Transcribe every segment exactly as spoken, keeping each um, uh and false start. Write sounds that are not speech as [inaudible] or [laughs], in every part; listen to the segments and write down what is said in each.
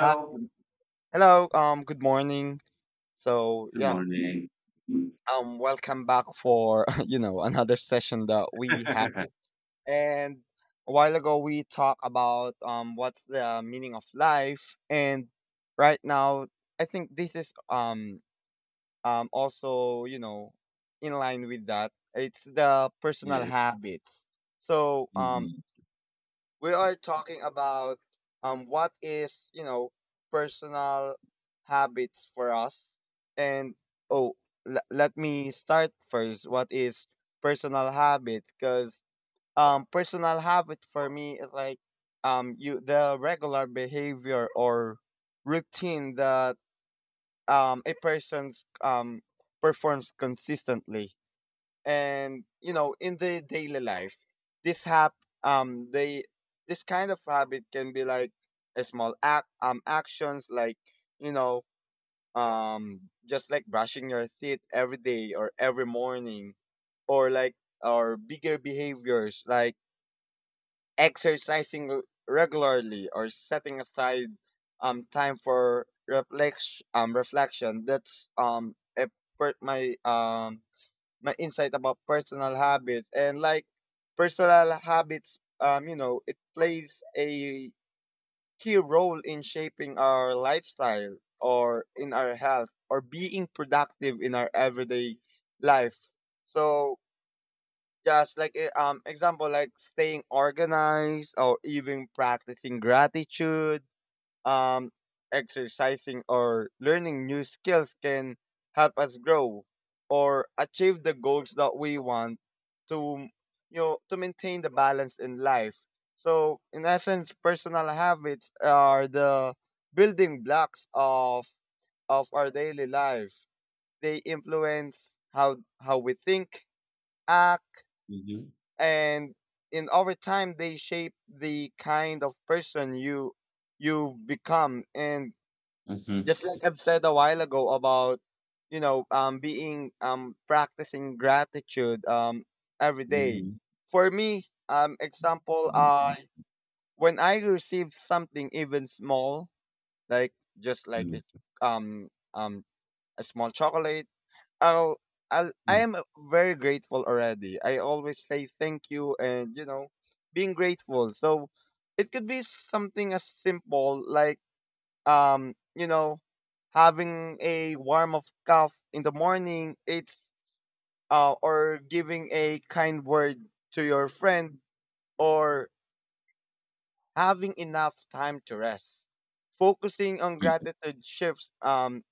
Hi. good- Hello. Um. Good morning. So Good yeah. morning. Um. Welcome back for [laughs] you know another session that we had. [laughs] And a while ago we talked about um what's the meaning of life. And right now I think this is um um also you know in line with that. It's the personal Yes. habits. So um Mhm. we are talking about um what is you know personal habits for us and oh l- let me start first what is personal habits because um personal habit for me is like um you the regular behavior or routine that um a person's um performs consistently and you know in the daily life this hap um they this kind of habit can be like a small act um actions like you know um just like brushing your teeth every day or every morning or like or bigger behaviors like exercising r- regularly or setting aside um time for reflex um reflection. That's um a part my um my insight about personal habits. And like personal habits, um you know it plays a key role in shaping our lifestyle or in our health or being productive in our everyday life. So just like eh, um example, like staying organized or even practicing gratitude, um, exercising or learning new skills can help us grow or achieve the goals that we want to, you know to maintain the balance in life. So in essence, personal habits are the building blocks of of our daily life. They influence how how we think, act, Mhm. and in over time they shape the kind of person you you become. And Mhm. just like I've said a while ago about you know um being um practicing gratitude um every day. Mhm. For me, um example, Mhm. I when I receive something, even small, like just like it, Mhm. um um a small chocolate, I'll I'll I Mhm. am very grateful already. I always say thank you and you know being grateful. So it could be something as simple like um you know having a warm of cup in the morning. It's uh or giving a kind word to your friend, or having enough time to rest. Focusing on gratitude shifts um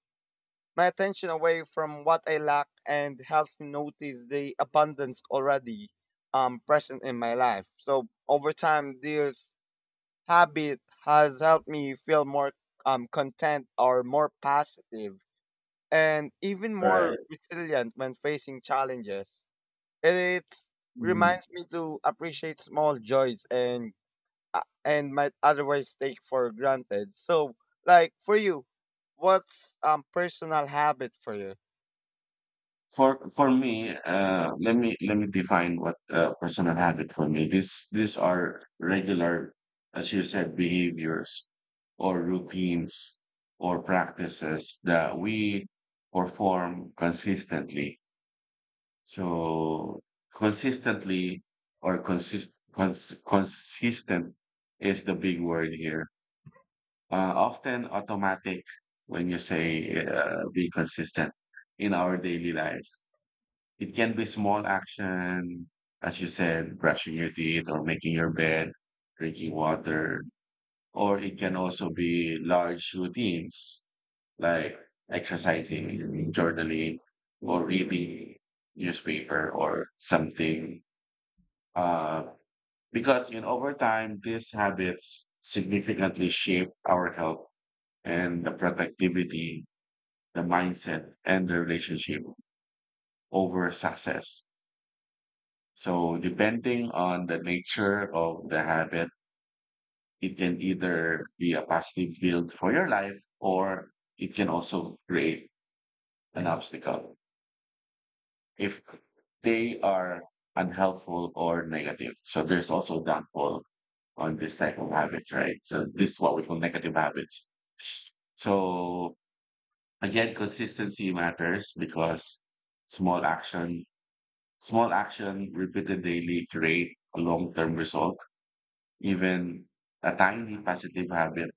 my attention away from what I lack and helps me notice the abundance already um present in my life. So over time, this habit has helped me feel more um content or more positive and even more Right. resilient when facing challenges. It Mm. reminds me to appreciate small joys and, uh, and might otherwise take for granted. So, like for you, what's um personal habit for you? For for me, uh, let me let me define what uh, personal habit for me. This these are regular, as you said, behaviors or routines or practices that we perform consistently. So consistently or consist cons consistent is the big word here. Uh, often automatic when you say uh, be consistent in our daily life. It can be small action, as you said, brushing your teeth or making your bed, drinking water, or it can also be large routines like exercising, journaling, or reading newspaper or something. Uh, because in over time, these habits significantly shape our health and the productivity, the mindset, and the relationship over success. So depending on the nature of the habit, it can either be a positive build for your life or it can also create an obstacle if they are unhelpful or negative. So there's also downfall on this type of habits, right? So this is what we call negative habits. So again, consistency matters because small action, small action repeated daily create a long-term result. Even a tiny positive habit,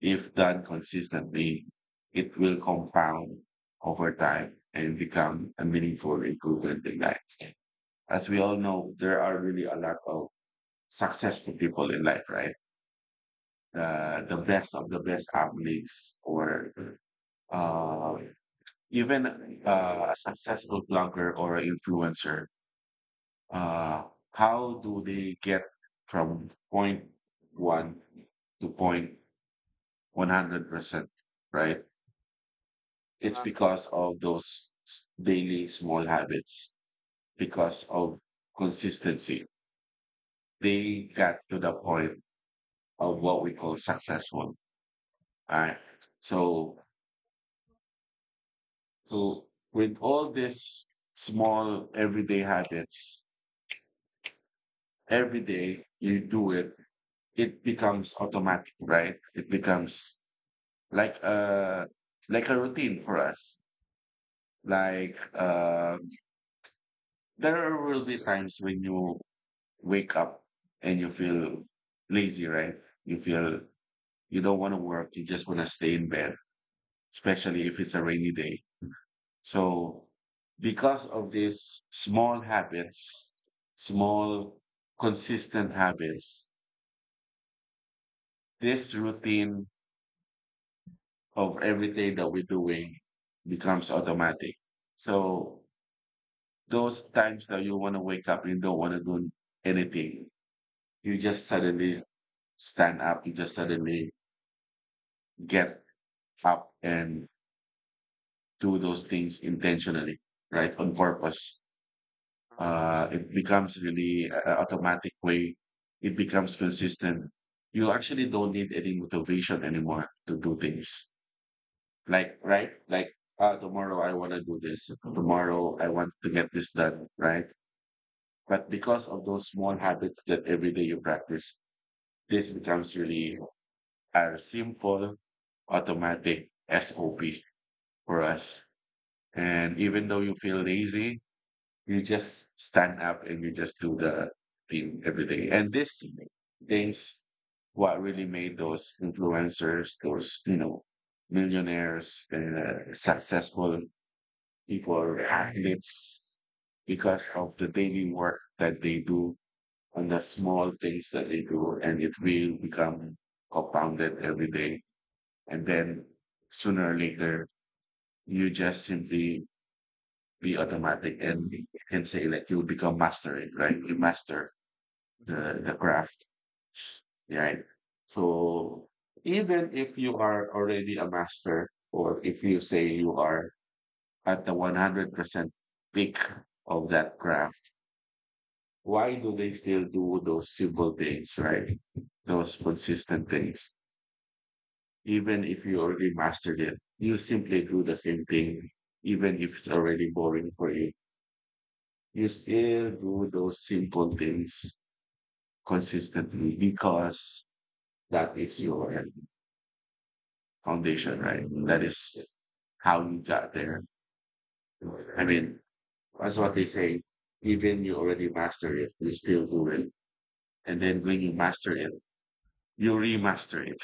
if done consistently, it will compound over time and become a meaningful improvement in life. As we Mm-hmm. all know, there are really a lot of successful people in life, right? The the best of the best athletes, or uh, even uh, a successful blogger or an influencer. Uh, how do they get from point one to point one hundred percent, right? It's Uh-huh. because of those daily small habits, because of consistency. They got to the point of what we call successful. Right? So, so with all these small everyday habits, every day you do it, it becomes automatic, right? It becomes like a like a routine for us. Like uh, there will be times when you wake up and you feel lazy, right? You feel you don't want to work. You just want to stay in bed, especially if it's a rainy day. So because of these small habits, small consistent habits, this routine of everything that we're doing becomes automatic. So those times that you want to wake up and don't want to do anything, you just suddenly stand up. You just suddenly get up and do those things intentionally, right? On purpose. Uh-huh. Uh, it becomes really a a automatic way. It becomes consistent. You actually don't need any motivation anymore to do things. Like, right? Like, ah, tomorrow I want to do this. Tomorrow I want to get this done, right? But because of those small habits that every day you practice, this becomes really a simple automatic S O P for us. And even though you feel lazy, you just stand up and you just do the thing every day. And this things what really made those influencers, those, you know, millionaires, uh, successful people, athletes, because of the daily work that they do and the small things that they do. And it will become compounded every day. And then sooner or later, you just simply be automatic and you can say like you become master it, right? You master Mm-hmm. the, the craft, right? So even if you are already a master, or if you say you are at the one hundred percent peak of that craft, why do they still do those simple things, right? Those consistent things. Even if you already mastered it, you simply do the same thing, even if it's already boring for you. You still do those simple things consistently because that is your foundation, right? That is how you got there. I mean, that's what they say. Even you already master it, you still do it. And then when you master it, you remaster it.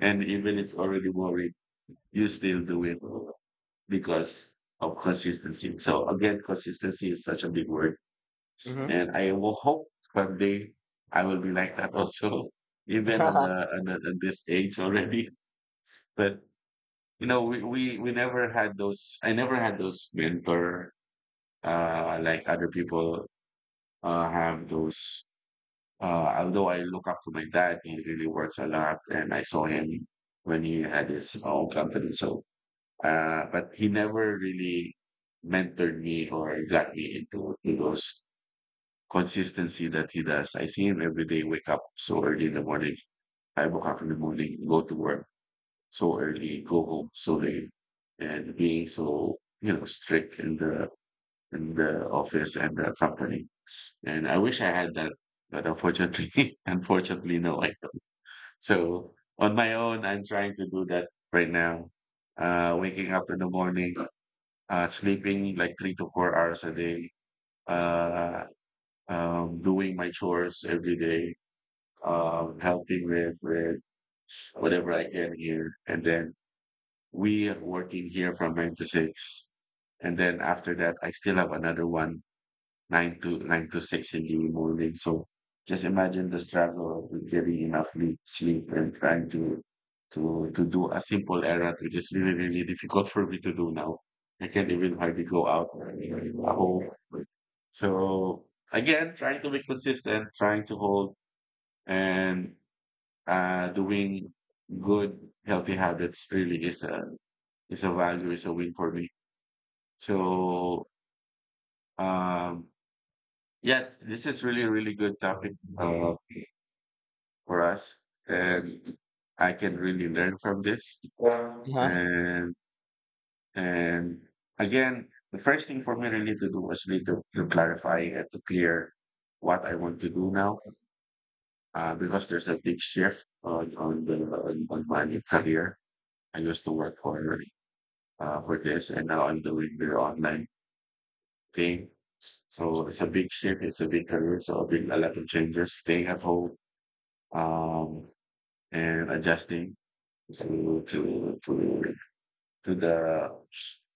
And even it's already worried, you still do it because of consistency. So again, consistency is such a big word. Mm-hmm. And I will hope one day I will be like that also, [laughs] [laughs] even on, uh-huh. the, on, the, on this age already. But you know, we, we, we never had those, I never had those mentor, uh, like other people, uh, have those, uh, although I look up to my dad, he really works a lot and I saw him when he had his own company. So, uh, but he never really mentored me or got me into, into those consistency that he does. I see him every day, wake up so early in the morning, five o'clock in the morning, go to work so early, go home so late, and being so you know strict in the in the office and the company. And I wish I had that, but unfortunately, [laughs] unfortunately, no, I don't. So on my own, I'm trying to do that right now. Uh, waking up in the morning, uh, sleeping like three to four hours a day, uh, um, doing my chores every day, um, helping with with whatever I can here, and then we are working here from nine to six. And then after that, I still have another one, nine to nine to six in the morning. So just imagine the struggle of getting enough sleep sleep and trying to to to do a simple errand, which is really, really difficult for me to do now. I can't even hardly go out at home. So again, trying to be consistent, trying to hold and uh doing good healthy habits really is a it's a value. It's a win for me. So, um, yeah, this is really, really good topic uh, for us, and I can really learn from this. And and again, the first thing for me really to do was really to, to clarify and to clear what I want to do now, uh, because there's a big shift on on the on, on my career. I used to work for uh, for this, and now I'm doing the online thing. So it's a big shift, it's a big career, so a big a lot of changes, staying at home, um, and adjusting to to to to the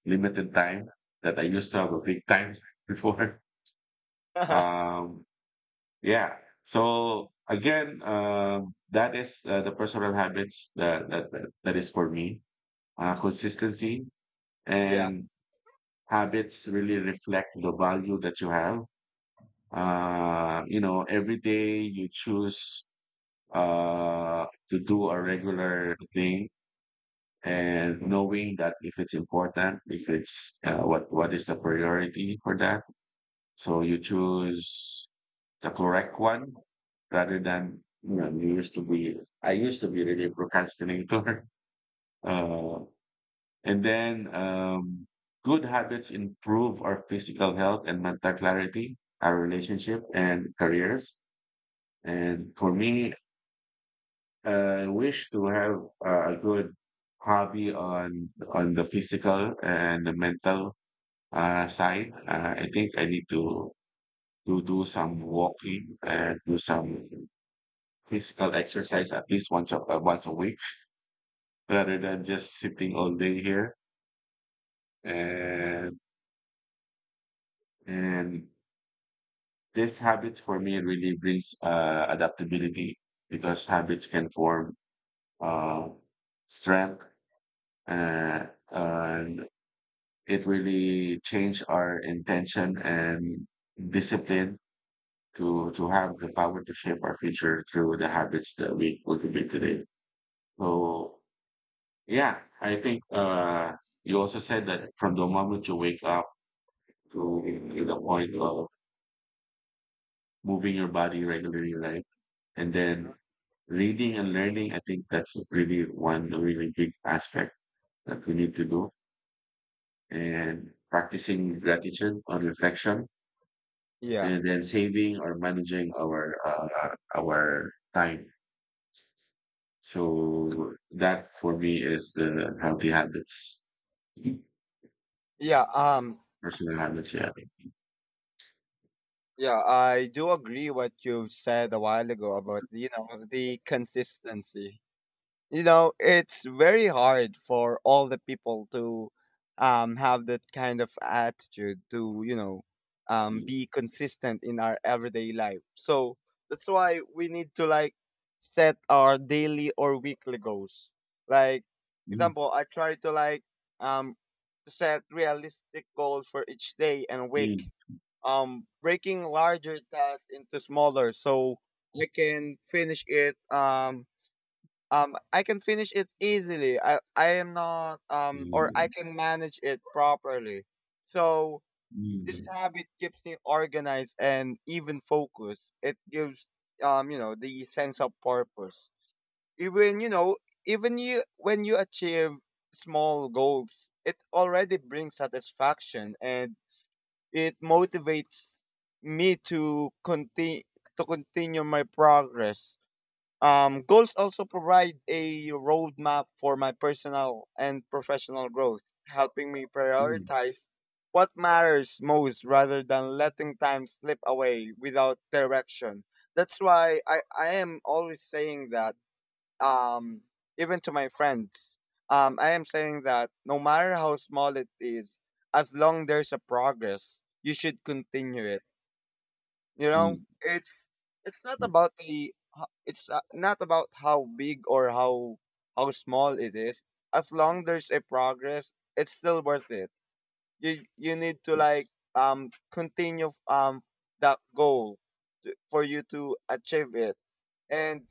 limited time that I used to have a big time [laughs] before. [laughs] Um, yeah. So again, um, that is uh, the personal habits that, that that that is for me. Uh, consistency yeah. and habits really reflect the value that you have uh, you know, every day you choose uh, to do a regular thing and knowing that if it's important, if it's uh, what what is the priority for that. So you choose the correct one rather than you know you used to be. I used to be really a procrastinator, [laughs] uh, and then um, good habits improve our physical health and mental clarity, our relationship and careers. And for me, uh, I wish to have a a good hobby on on the physical and the mental uh, side. Uh, I think I need to to do some walking and do some physical exercise at least once a uh, once a week, rather than just sitting all day here. And and this habit for me really brings uh, adaptability because habits can form uh, strength uh, and it really changed our intention and discipline to to have the power to shape our future through the habits that we cultivate today. So yeah, I think uh, you also said that from the moment you wake up to, to the point of moving your body regularly, right? And then reading and learning, I think that's really one really big aspect that we need to do. And practicing gratitude on reflection Yeah. and then saving or managing our uh, our time. So that for me is the healthy habits, Yeah. Um. personal habits. Yeah. Yeah, I do agree what you said a while ago about you know the consistency. you know it's very hard for all the people to um have that kind of attitude to you know um be consistent in our everyday life. So that's why we need to like set our daily or weekly goals. Like Mm. example, I try to like um to set realistic goals for each day and week, Mm. um breaking larger tasks into smaller so I can finish it, um um I can finish it easily. I I am not um or I Mm. can manage it properly. So this Mm. habit keeps me organized and even focused. It gives um you know the sense of purpose. Even you know even you when you achieve small goals, it already brings satisfaction and it motivates me to continue to continue my progress. Um, goals also provide a roadmap for my personal and professional growth, helping me Mm. Mm. prioritize what matters most rather than letting time slip away without direction. That's why I, I am always saying that, um, even to my friends, um, I am saying that no matter how small it is, as long there's a progress, you should continue it. You know, it's it's not Mm. about the ho- it's uh, not about how big or how how small it is. As long there's a progress, it's still worth it. You you need to like Yes. um continue um that goal to, for you to achieve it. And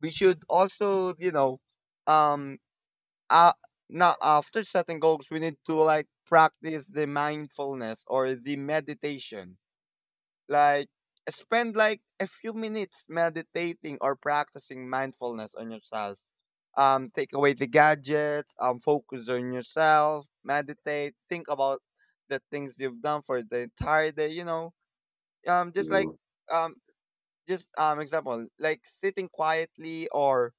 we should also you know um uh now, after setting goals, we need to like practice the mindfulness or the meditation. Like spend like a few minutes meditating or practicing mindfulness on yourself. Um, take away the gadgets, um, focus on yourself, meditate, think about the things you've done for the entire day, you know. Um, just like, So, um, just, um, example, like sitting quietly or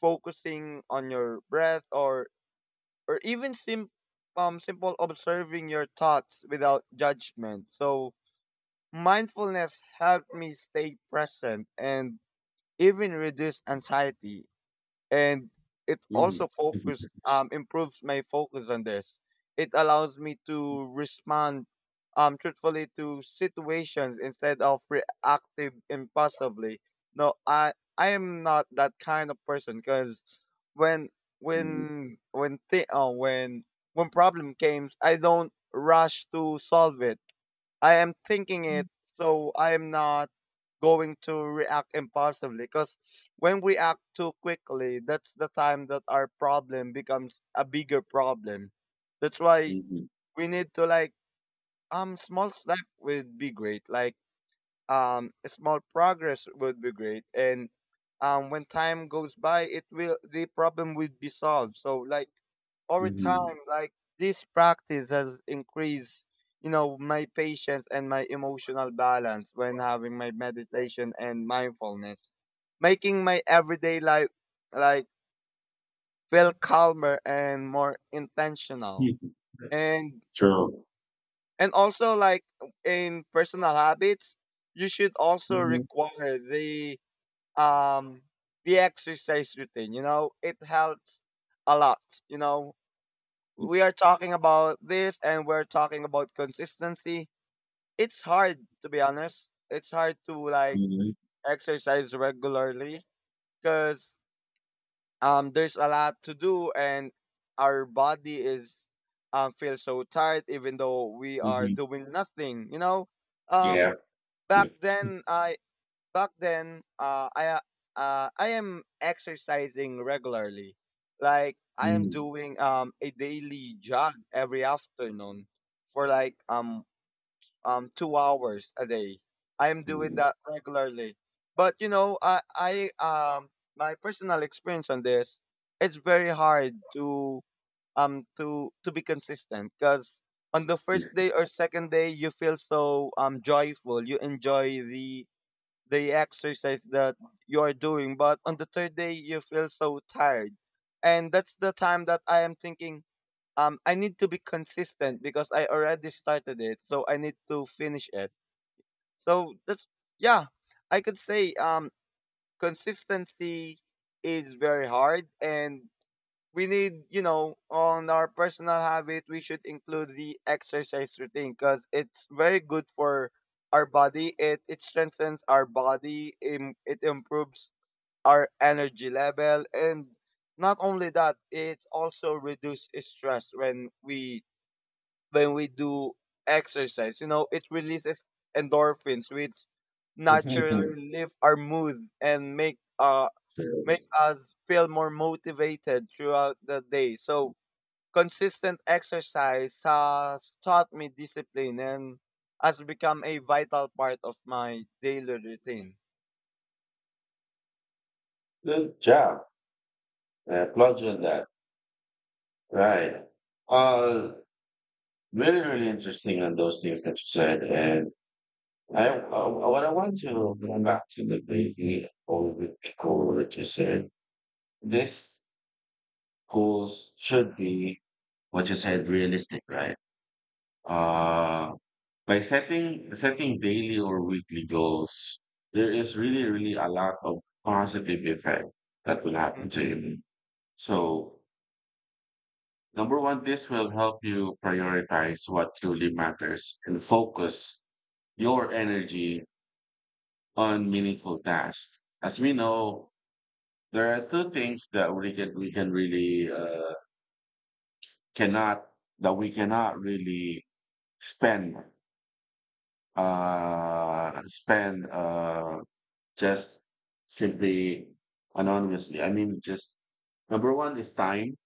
focusing on your breath, or or even sim- um, simple observing your thoughts without judgment. So mindfulness helped me stay present and even reduce anxiety. And it mm, also mm, focus mm, um, improves my focus on this. It allows me to respond, um, truthfully to situations instead of reactive impulsively. No, I I am not that kind of person because when when when thi- uh, when when problem comes, I don't rush to solve it. I am thinking mm, it, so I am not going to react impulsively, because when we act too quickly, that's the time that our problem becomes a bigger problem. That's why we need to like um small step would be great. Like um a small progress would be great and um when time goes by it will the problem will be solved. So like mm, over mm. time, like this practice has increased, you know, my patience and my emotional balance when having my meditation and mindfulness, making my everyday life like feel calmer and more intentional. And True. and also like in personal habits, you should also Mhm, require the um the exercise routine. You know, it helps a lot. You know, we are talking about this and we're talking about consistency. It's hard, to be honest. It's hard to like mhm, exercise regularly because um there's a lot to do and our body is um feels so tired even though we are mhm. doing nothing. You know, um Yeah. back then I back then uh I uh uh, I am exercising regularly. Like I am Mhm, doing um a daily jog every afternoon for like um um two hours a day. I am doing mhm, that regularly, but you know I I um my personal experience on this, it's very hard to um to to be consistent because on the first day or second day you feel so um joyful, you enjoy the the exercise that you're doing, but on the third day you feel so tired. And that's the time that I am thinking, um, I need to be consistent because I already started it, so I need to finish it. So that's, yeah, I could say um consistency is very hard and we need, you know, on our personal habit we should include the exercise routine because it's very good for our body. It it strengthens our body, im- it improves our energy level, and not only that, it also reduces stress. When we when we do exercise, you know, it releases endorphins which mhm. naturally lift our mood and make uh make us feel more motivated throughout the day. So consistent exercise has taught me discipline and has become a vital part of my daily routine. Good job. Yeah, Roger on that. Right. Uh, Really, really interesting on those things that you said. And I, uh, what I want to go back to the baby or the goal that you said, this goals should be what you said, realistic, right? Uh, by setting, setting daily or weekly goals, there is really, really a lot of positive effect that will Mhm. happen to you. So number one, this will help you prioritize what truly matters and focus your energy on meaningful tasks. As we know, there are two things that we can we can really uh, cannot that we cannot really spend uh, spend uh, just simply anonymously. I mean, just number one is time.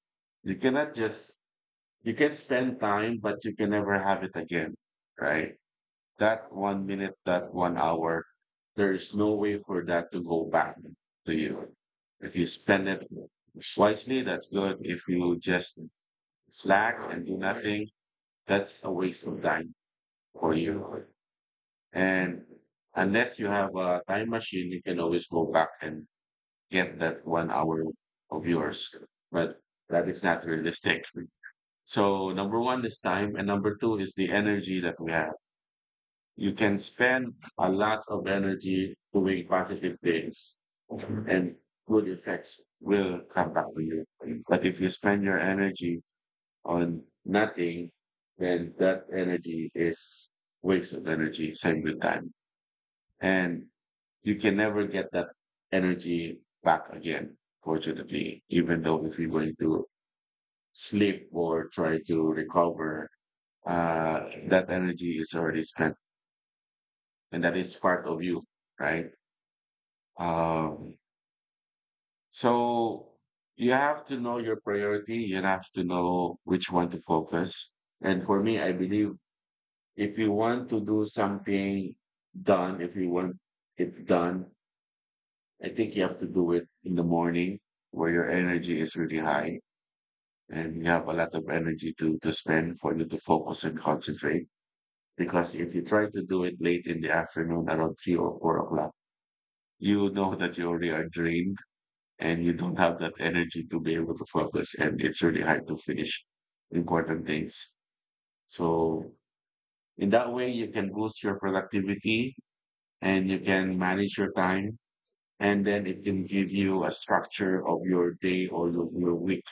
You cannot just you can spend time, but you can never have it again, right? That one minute, that one hour, there is no way for that to go back to you. If you spend it wisely, that's good. If you just slack and do nothing, that's a waste of time for you. And unless you have a time machine, you can always go back and get that one hour of yours. But that is not realistic. So number one is time, and number two is the energy that we have. You can spend a lot of energy doing positive things and good effects will come back to you. But if you spend your energy on nothing, then that energy is waste of energy, same with time. And you can never get that energy back again, fortunately, even though if you're going to sleep or try to recover, uh, that energy is already spent and that is part of you, right? Um, so you have to know your priority. You have to know which one to focus. And for me, I believe if you want to do something done, if you want it done, I think you have to do it in the morning where your energy is really high and you have a lot of energy to, to spend for you to focus and concentrate. Because if you try to do it late in the afternoon around three or four o'clock, you know [laughs] that you already are drained and you don't have that energy to be able to focus, and it's really hard to finish important things. So in that way you can boost your productivity and you can manage your time, and then it can give you a structure of your day or your, your week,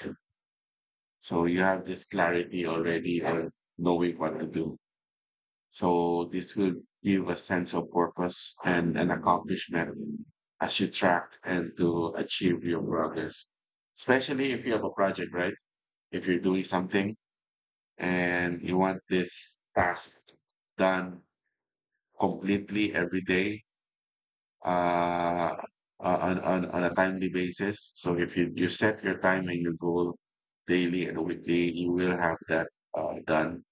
so you have this clarity already, or knowing what to do. So this will give a sense of purpose and an accomplishment as you track and to achieve your progress, especially if you have a project, right? If you're doing something and you want this task done completely every day, uh, uh, on, on, on a timely basis. So if you, you set your time and your goal daily and weekly, you will have that uh, done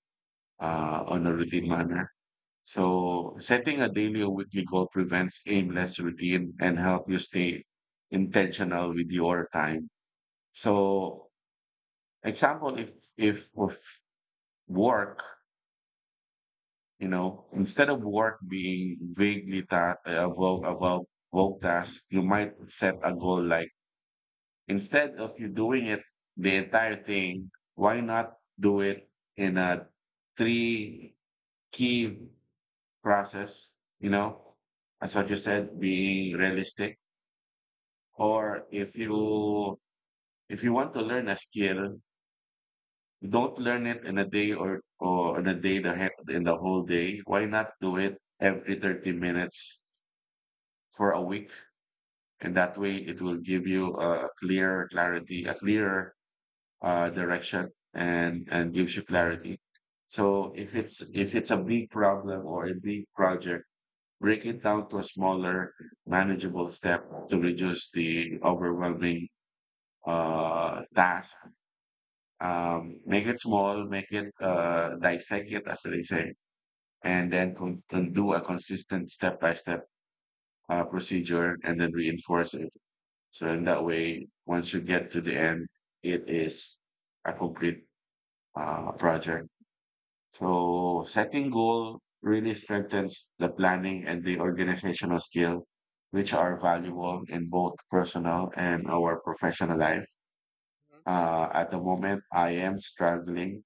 uh, on a routine manner. So setting a daily or weekly goal prevents aimless routine and help you stay intentional with your time. So example, if, if, of work. You know, instead of work being vaguely ta- about about about tasks, you might set a goal like, instead of you doing it the entire thing, why not do it in a three key process? You know, as what you said, being realistic. Or if you if you want to learn a skill, don't learn it in a day or or in a day the he- in the whole day. Why not do it every thirty minutes for a week. And that way it will give you a clear clarity, a clearer uh, direction, and, and gives you clarity. So if it's, if it's a big problem or a big project, break it down to a smaller manageable step to reduce the overwhelming uh, task. Um, make it small, make it, uh, dissect it as they say, and then con- con- do a consistent step by step uh, procedure, and then reinforce it. So in that way, once you get to the end, it is a complete uh, project. So setting goal really strengthens the planning and the organizational skill, which are valuable in both personal and our professional life. Mhm. Uh, at the moment, I am struggling,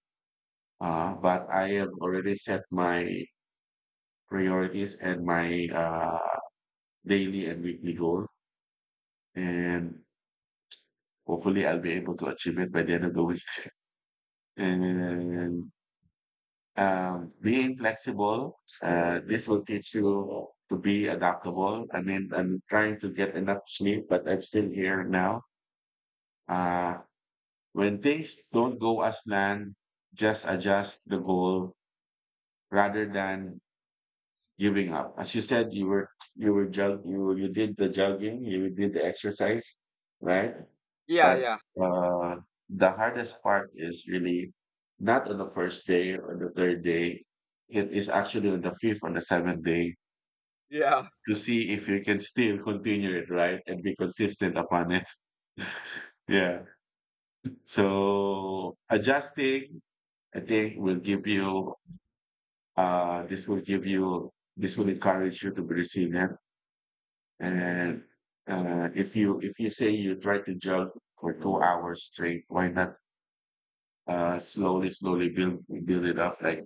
uh, but I have already set my priorities and my uh, daily and weekly goal, and hopefully I'll be able to achieve it by the end of the week. [laughs] And um, being flexible. Uh, this will teach you to be adaptable. I mean, I'm trying to get enough sleep, but I'm still here now. Uh, when things don't go as planned, just adjust the goal rather than giving up. As you said, you were you were jog you were- you did the jogging, you did the exercise, right? Yeah, But yeah, uh, the hardest part is really not on the first day or the third day. It is actually on the fifth or the seventh day, yeah. to see if you can still continue it, right? And be consistent upon it. [laughs] Yeah. So adjusting, I think, will give you, uh, this will give you, this will encourage you to be resilient. And uh, if you if you say you try to jog for two hours straight, why not uh, slowly, slowly build build it up? Like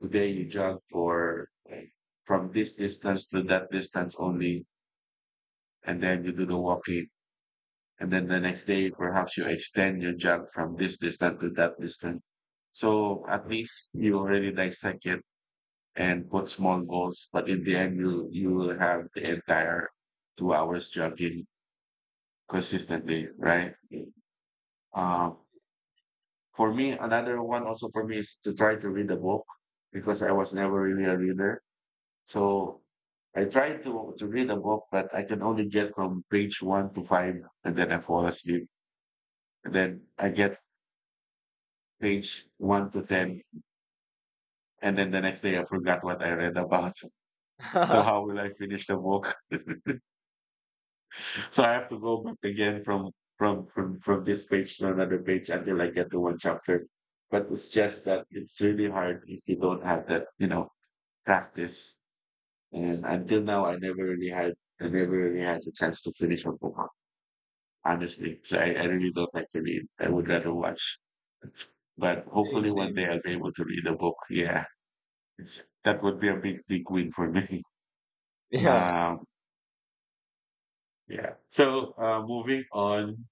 today, you jog for like, from this distance to that distance only, and then you do the walking, and then the next day perhaps you extend your jog from this distance to that distance. So at least you already dissect it and put small goals, but in the end, you you will have the entire two hours jogging consistently, right? Um, for me, another one also for me is to try to read a book because I was never really a reader. So I try to to read a book, but I can only get from page one to five, and then I fall asleep. And then I get page one to ten, and then the next day I forgot what I read about. [laughs] So how [laughs] will I finish the book? So I have to go back again from from from from this page to another page until I get to one chapter. But it's just that it's really hard if you don't have that, you know, practice. And until now, I never really had, I never really had the chance to finish a book, honestly. So I, I really don't like to read. I would rather watch. But same, hopefully one day same. I'll be able to read a book. Yeah, it's- that would be a big, big win for me. [laughs] Yeah. Um, yeah. So uh, moving on.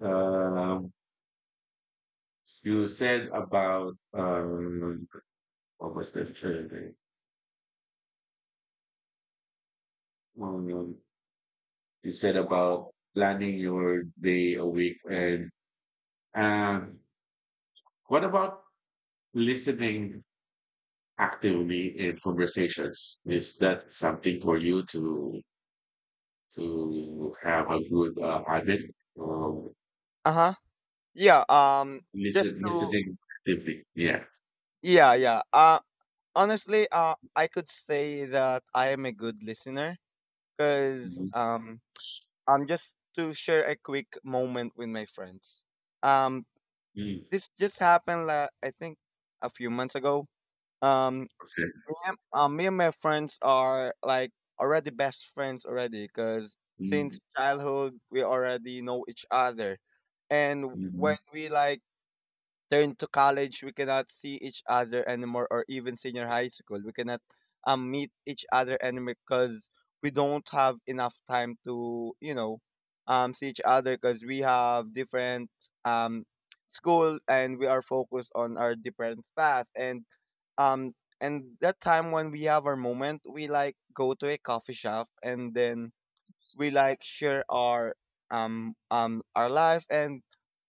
Um, You said about um, what was the third thing? Um, you said about planning your day a week, and um, what about listening actively in conversations? Is that something for you to to have a good uh, habit? Um, Uh huh. Yeah. Um. Just listen, to. listening actively. Yeah. Yeah, yeah. Uh, honestly, uh, I could say that I am a good listener. Cause Mhm. um, I'm just to share a quick moment with my friends. Um, Mm. This just happened, la I think, a few months ago. Um, Okay. Me and, um, me and my friends are like already best friends already because since Mm. childhood we already know each other. And when Mhm. we like turn to college, we cannot see each other anymore, or even senior high school, we cannot um, meet each other anymore because we don't have enough time to, you know, um, see each other because we have different um, school and we are focused on our different path. And um, and that time when we have our moment, we like go to a coffee shop and then we like share our um um our life, and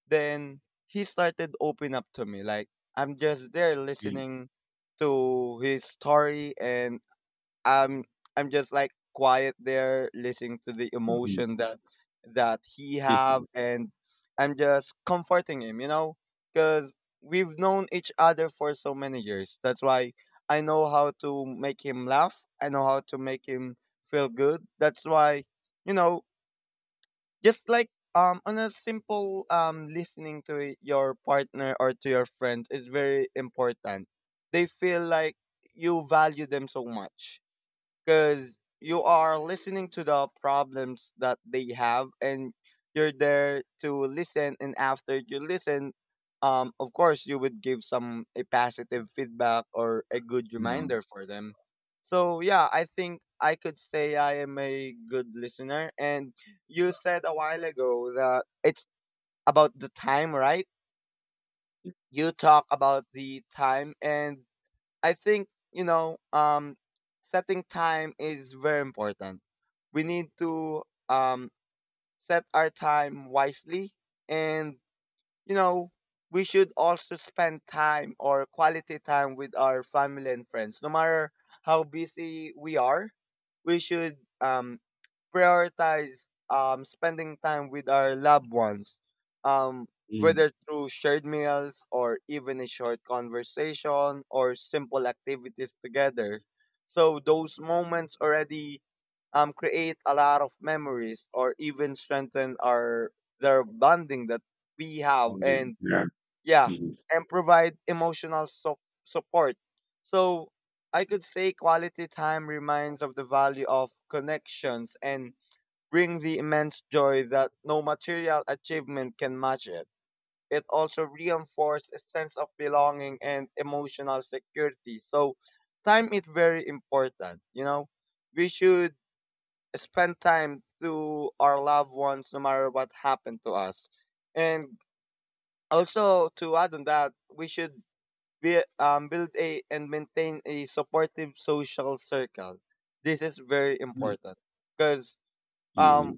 then he started open up to me. Like, I'm just there Mm. listening to his story and I'm I'm just like quiet there listening to the Mhm. emotion that that he have, and I'm just comforting him, you know? Cuz we've known each other for so many years. That's why I know how to make him laugh. I know how to make him feel good. That's why you know just like um on a simple um listening to your partner or to your friend is very important. They feel like you value them so much because you are listening to the problems that they have, and you're there to listen. And after you listen, um of course you would give some a positive feedback or a good Mhm. reminder for them. So yeah, I think I could say I am a good listener. And you said a while ago that it's about the time, right? You talk about the time. And I think, you know, um, setting time is very important. We need to um, set our time wisely. And, you know, we should also spend time or quality time with our family and friends. No matter how busy we are, we should um, prioritize um, spending time with our loved ones, um, Mhm. whether through shared meals or even a short conversation or simple activities together. So those moments already um, create a lot of memories or even strengthen our their bonding that we have. Mhm. And Yeah. yeah, and provide emotional so- support. So I could say quality time reminds of the value of connections and bring the immense joy that no material achievement can match it. It also reinforces a sense of belonging and emotional security. So, time is very important. You know, we should spend time to our loved ones no matter what happened to us. And also, to add on that, we should be, um, build a and maintain a supportive social circle. This is very Mhm. important because um Mhm,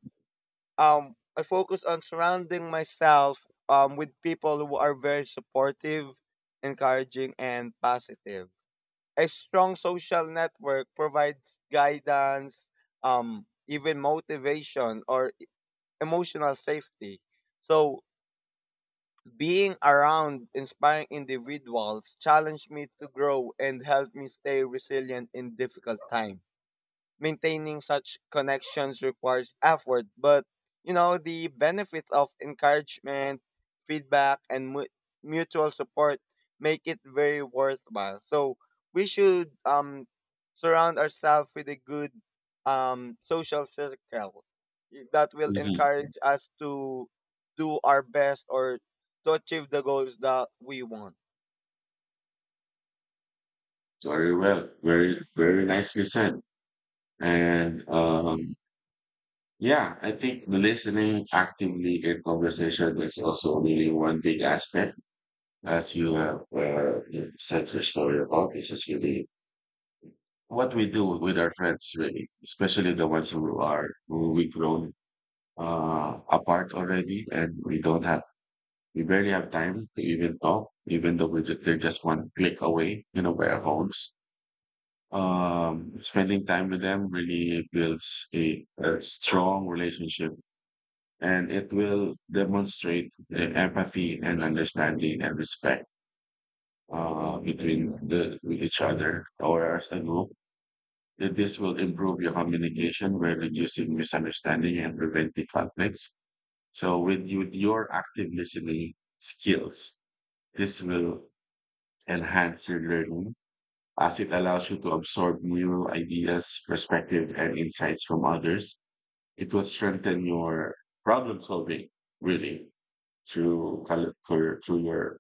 um I focus on surrounding myself um with people who are very supportive, encouraging and positive. A strong social network provides guidance, um even motivation or e, emotional safety. So being around inspiring individuals challenged me to grow and helped me stay resilient in difficult times. Maintaining such connections requires effort, but you know, the benefits of encouragement, feedback, and mu- mutual support make it very worthwhile. So we should um, surround ourselves with a good um, social circle that will mhm. encourage us to do our best or to achieve the goals that we want. Very well, very very nicely said. And um, yeah, I think the listening actively in conversation is also really one big aspect, as you have uh, said your story about. It's just really what we do with our friends, really, especially the ones who are who we've grown uh, apart already, and we don't have. We barely have time to even talk, even though we ju- they're just one click away, you know, by our phones. Um, spending time with them really builds a, a strong relationship, and it will demonstrate the empathy and understanding and respect uh, between the with each other or as a group. That This will improve your communication by reducing misunderstanding and preventing conflicts. So with, with your active listening skills, this will enhance your learning, as it allows you to absorb new ideas, perspective, and insights from others. It will strengthen your problem solving, really, through col- for, through your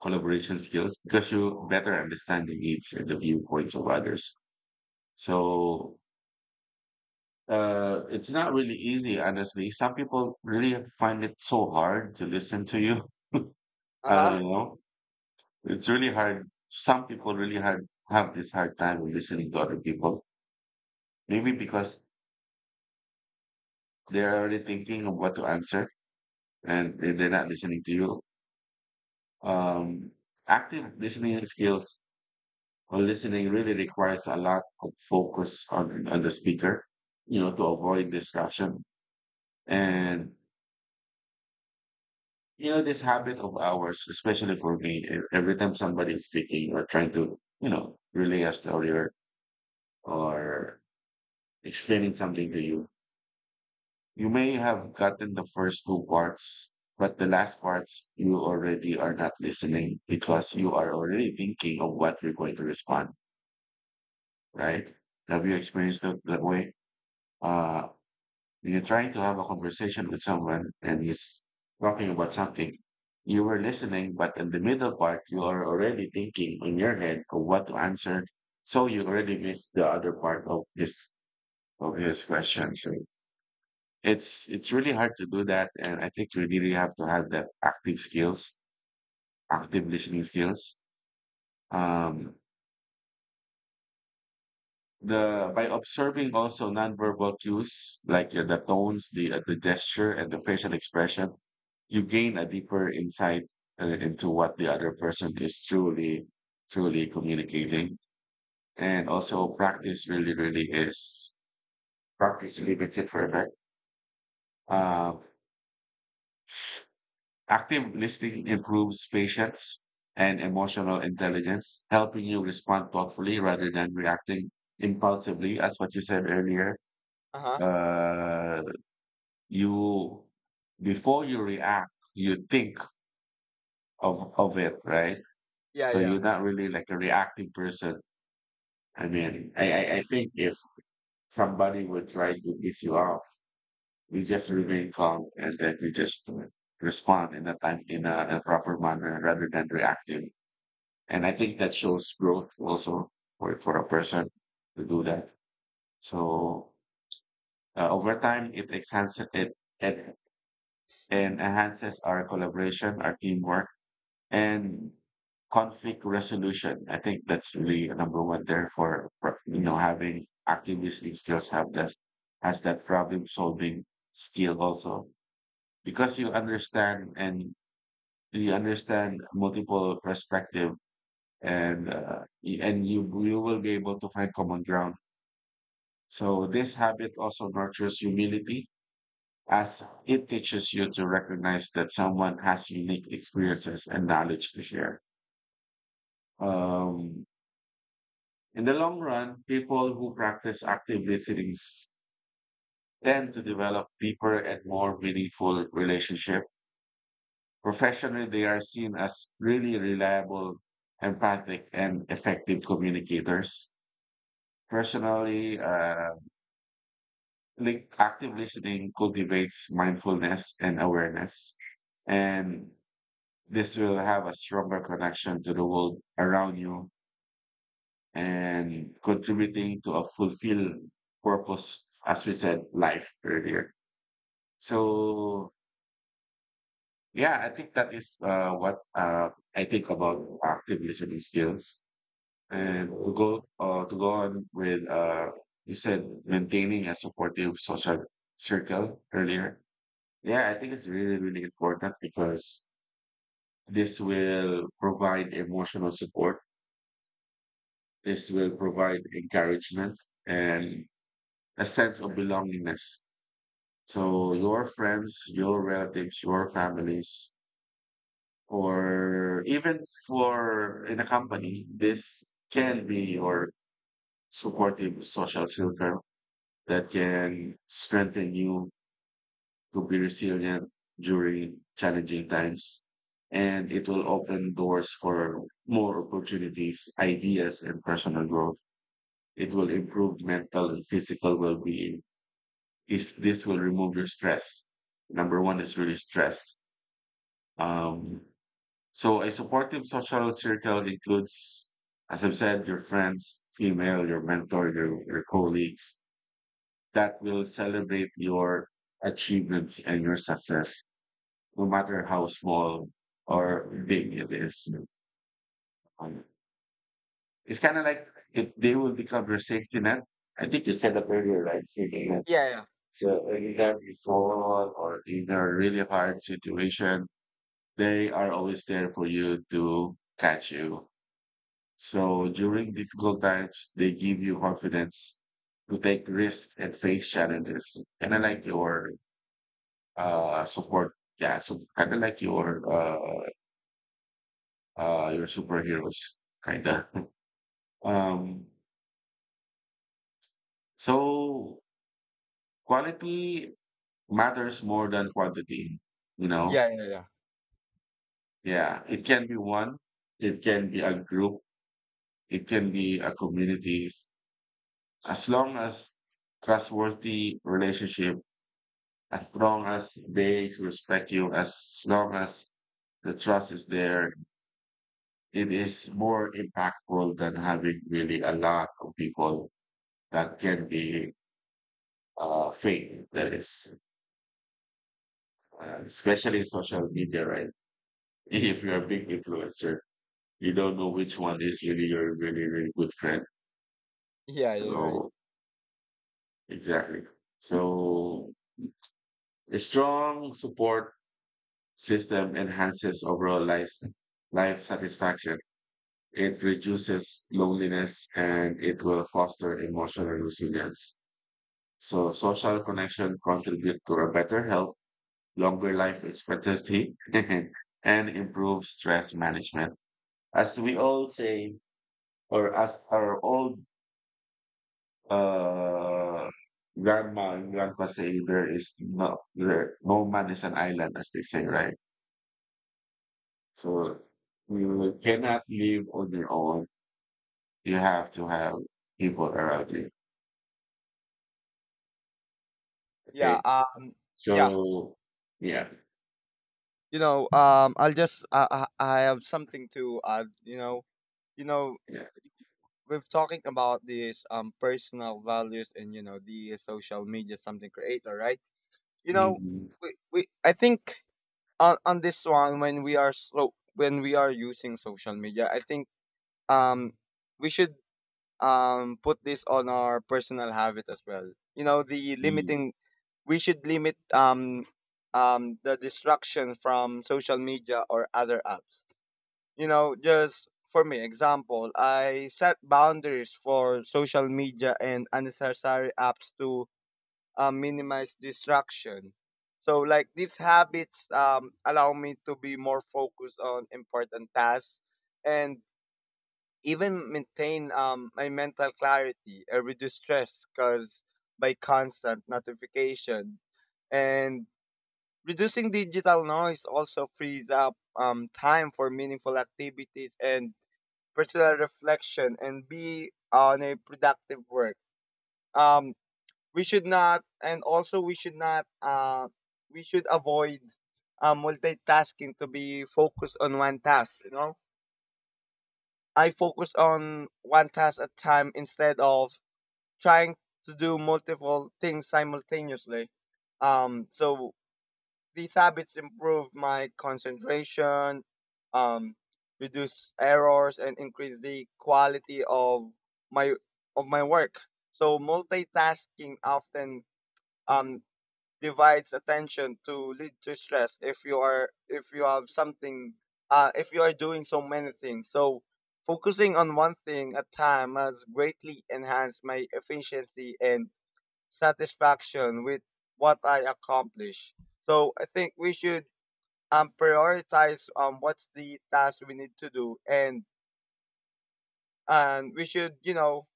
collaboration skills, because you better understand the needs and the viewpoints of others. So uh, it's not really easy, honestly. Some people really find it so hard to listen to you. [laughs] Uh I don't huh. know. It's really hard. Some people really hard have this hard time with listening to other people. Maybe because they're already thinking of what to answer, and if they're not listening to you um, active listening skills or listening really requires a lot of focus on, on the speaker, you know, to avoid distraction. And you know this habit of ours, especially for me, e- every time somebody is speaking or trying to, you know, relay a story, or, or explaining something to you, you may have gotten the first two parts, but the last parts you already are not listening because you are already thinking of what you're going to respond, right? Have you experienced it that way? Uh, when you're trying to have a conversation with someone and he's talking about something, you were listening, but in the middle part, you are already thinking in your head of what to answer. So you already missed the other part of his of his question. So It's it's really hard to do that, and I think you really have to have that active skills, active listening skills. Um, the by observing also nonverbal cues like uh, the tones, the uh, the gesture, and the facial expression, you gain a deeper insight uh, into what the other person is truly truly communicating. And also practice really really is practice really makes it perfect. Uh, Active listening improves patience and emotional intelligence, helping you respond thoughtfully rather than reacting impulsively. As what you said earlier, Uh huh. uh, you before you react, you think of of it, right? Yeah, So yeah. you're not really like a reactive person. I mean, I I, I think if somebody would try to piss you off, you just remain calm and then you just respond in a time in a, a proper manner rather than reactive. And I think that shows growth also for, for a person to do that. So uh, over time, it enhances it, it and enhances our collaboration, our teamwork, and conflict resolution. I think that's really a number one there for, for you know having active listening skills, have that has that problem solving skill also, because you understand and you understand multiple perspective, and uh, y- and you you will be able to find common ground. So this habit also nurtures humility as it teaches you to recognize that someone has unique experiences and knowledge to share. Um, in the long run, people who practice active listening s- tend to develop deeper and more meaningful relationship. Professionally, they are seen as really reliable, empathic, and effective communicators. Personally, uh, like active listening cultivates mindfulness and awareness, and this will have a stronger connection to the world around you and contributing to a fulfilled purpose, as we said life earlier. So yeah, I think that is uh, what uh, I think about active listening skills. And to go uh, to go on with, uh, you said maintaining a supportive social circle earlier. Yeah, I think it's really, really important because this will provide emotional support. This will provide encouragement and a sense of belongingness. So your friends, your relatives, your families, or even for in a company, this can be your supportive social filter that can strengthen you to be resilient during challenging times. And it will open doors for more opportunities, ideas, and personal growth. It will improve mental and physical well-being. Is this will remove your stress. Number one is really stress. Um, so a supportive social circle includes, as I've said, your friends, female, your mentor, your, your colleagues that will celebrate your achievements and your success, no matter how small or big it is. Um, it's kind of like if they will become your safety net. I think you said that earlier, right? Safety net. Yeah, yeah. So anytime you fall or in a really hard situation, they are always there for you to catch you. So during difficult times, they give you confidence to take risks and face challenges. Kind of like your uh, support. Yeah, so kind of like your uh, uh your superheroes kinda. [laughs] um so quality matters more than quantity, you know. Yeah, yeah, yeah. Yeah, it can be one, it can be a group, it can be a community, as long as trustworthy relationship, as long as they respect you, as long as the trust is there, it is more impactful than having really a lot of people that can be uh fake. That is, uh, especially social media, right? [laughs] If you're a big influencer, you don't know which one is really your really, really good friend. Yeah, you're right. So, exactly. So, a strong support system enhances overall life, life satisfaction. It reduces loneliness and it will foster emotional resilience. So, social connection contribute to a better health, longer life expectancy, [laughs] and improve stress management. As we all say, or as our old, uh, grandma and grandpa say, there is no there, no man is an island, as they say, right? So you cannot live on your own. You have to have people around you. Yeah, Okay. um, yeah. So yeah, You know, um, I'll just I, I I have something to add. You know, you know, yeah. we're talking about these um personal values and you know the social media something creator, right? You know, Mm. we, we I think on on this one when we are so when we are using social media, I think um we should um put this on our personal habit as well. You know, the Mm. limiting, we should limit um um the distraction from social media or other apps. You know, just for me example, I set boundaries for social media and unnecessary apps to uh, minimize distraction. So like these habits um allow me to be more focused on important tasks and even maintain um, my mental clarity and reduce stress caused by constant notification. And reducing digital noise also frees up um, time for meaningful activities and personal reflection and be on a productive work. Um, we should not, and also we should not, uh, we should avoid uh, multitasking, to be focused on one task, you know? I focus on one task at time instead of trying to do multiple things simultaneously. Um, so these habits improve my concentration, um, reduce errors, and increase the quality of my of my work. So multitasking often um, divides attention to lead to stress if you are if you have something uh, if you are doing so many things. So focusing on one thing at time has greatly enhanced my efficiency and satisfaction with what I accomplish. So I think we should um, prioritize um, what's the task we need to do, and and we should, you know,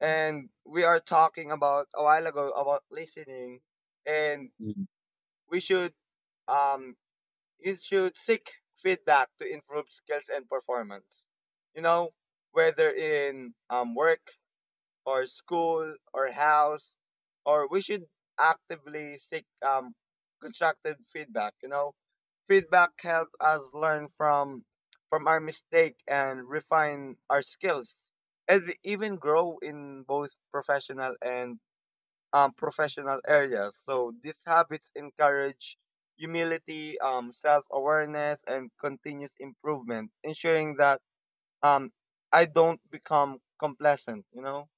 and we are talking about a while ago about listening, and Mm. we should um you should seek feedback to improve skills and performance. You know, whether in um work or school or house, or we should actively seek um, constructive feedback. You know, feedback helps us learn from from our mistake and refine our skills, and we even grow in both professional and um, professional areas. So these habits encourage humility, um, self-awareness and continuous improvement, ensuring that um, I don't become complacent, you know.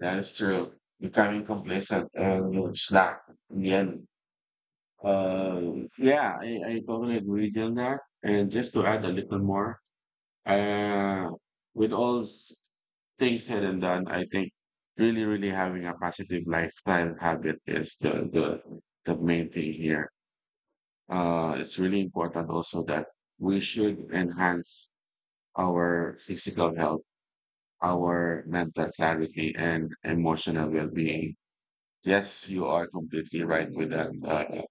That is true. Becoming complacent and you slack in the end. Uh, yeah, I, I totally agree with you on that. And just to add a little more, uh, with all s- things said and done, I think really, really having a positive lifestyle habit is the the the main thing here. Uh, it's really important also that we should enhance our physical health, our mental clarity, and emotional well-being. Yes, you are completely right with that. Uh,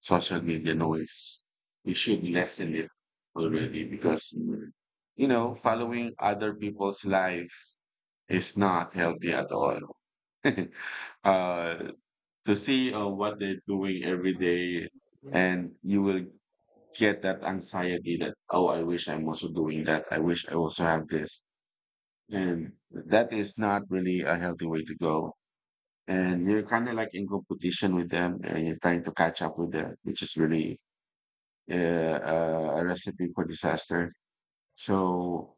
social media noise. You should lessen it already because, mm, you know, following other people's life is not healthy at all. [laughs] uh, to see, uh, what they're doing every day, and you will get that anxiety that, oh, I wish I'm also doing that. I wish I also have this. And that is not really a healthy way to go. And you're kind of like in competition with them and you're trying to catch up with them, which is really uh, uh, a recipe for disaster. So,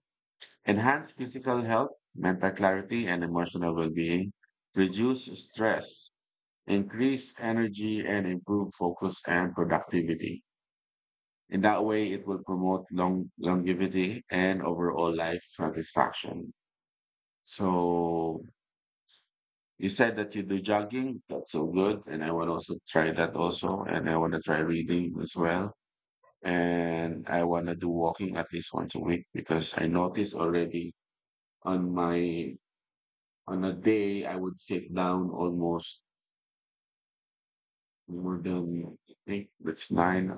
enhance physical health, mental clarity, and emotional well being, reduce stress, increase energy, and improve focus and productivity. In that way, it will promote long, longevity and overall life satisfaction. So, you said that you do jogging. That's so good. And I want to also try that also. And I want to try reading as well, and I want to do walking at least once a week, because I notice already on my, on a day I would sit down almost more than I think it's nine.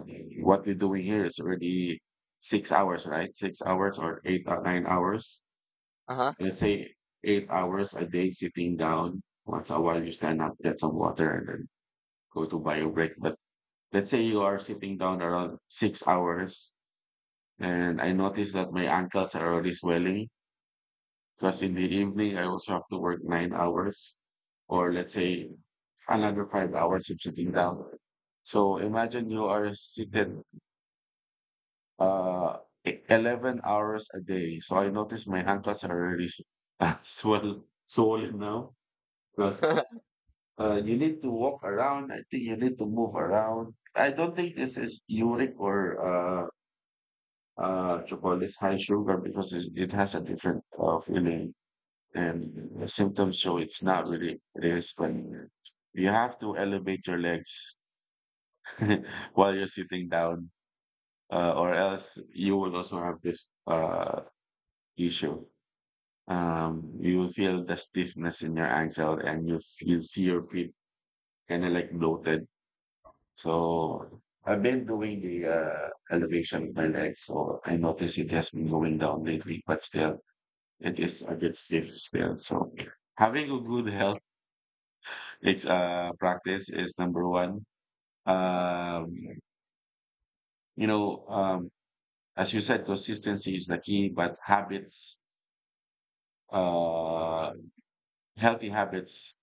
What we're doing here is already six hours, right? Six hours or eight or nine hours. Uh-huh. Let's say eight hours a day sitting down. Once a while you stand up, get some water, and then go to bio break. But let's say you are sitting down around six hours, and I notice that my ankles are already swelling. Because in the evening, I also have to work nine hours, or let's say another five hours of sitting down. So imagine you are seated, uh, e- eleven hours a day. So I notice my ankles are already [laughs] really swell, swollen now, because [laughs] uh, you need to walk around. I think you need to move around. I don't think this is uric or uh, uh, what you call this high sugar, because it's, it has a different uh, feeling. And the symptoms show it's not really it is, but you have to elevate your legs [laughs] while you're sitting down, uh, or else you will also have this uh, issue. Um, you will feel the stiffness in your ankle and you you see your feet kind of like bloated. So I've been doing the uh, elevation of my legs, so I notice it has been going down lately, but still it is a bit stiff still. So having a good health, It's uh practice is number one. Uh-huh, Um, you know, um, as you said, consistency is the key, but habits, uh, healthy habits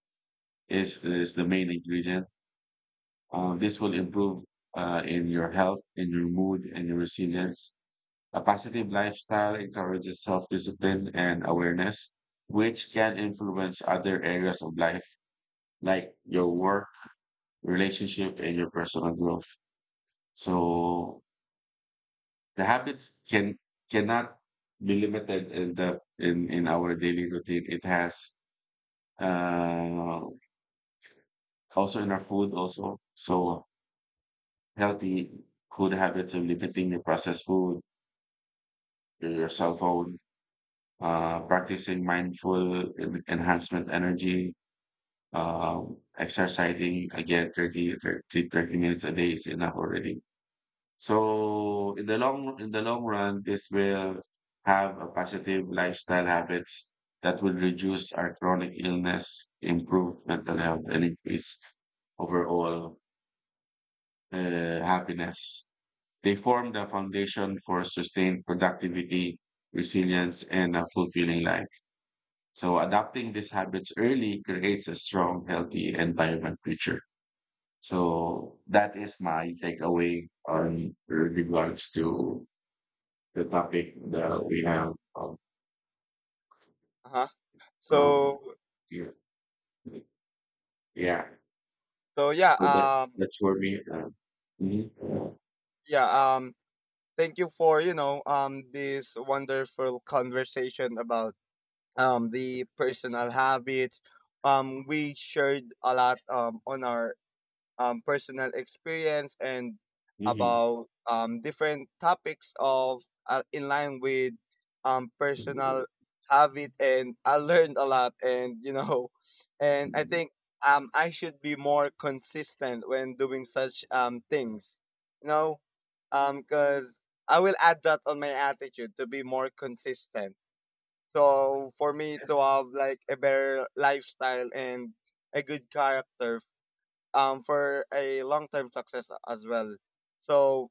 is is the main ingredient. Um, this will improve uh, in your health, in your mood, and your resilience. A positive lifestyle encourages self-discipline and awareness, which can influence other areas of life, like your work, relationship, and your personal growth. So the habits can cannot be limited in the in in our daily routine. It has uh, also in our food also. So healthy food habits of limiting your processed food, your cell phone, uh, practicing mindful en- enhancement energy, uh, exercising again thirty thirty thirty minutes a day is enough already. So in the long in the long run, this will have a positive lifestyle habits that will reduce our chronic illness, improve mental health, and increase overall uh, happiness. They form the foundation for sustained productivity, resilience, and a fulfilling life. So adopting these habits early creates a strong, healthy, and vibrant future. So that is my takeaway on regards to the topic that we have. Um, uh-huh. um, So yeah, yeah. so yeah, So that's um that's for me. Uh, mhm. yeah, um thank you for, you know, um this wonderful conversation about um the personal habits. Um we shared a lot um on our um, personal experience and Mhm. about um, different topics of uh, in line with um, personal habit, and I learned a lot, and you know, [laughs] and I think um, I should be more consistent when doing such um, things, you know, because I will add that on my attitude to be more consistent, so for me to Yes, have like a better lifestyle and a good character, um, for a long term success as well. So,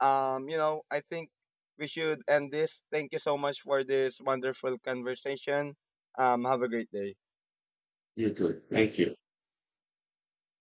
um, you know, I think we should end this. Thank you so much for this wonderful conversation. Um, have a great day. you too. Thank you.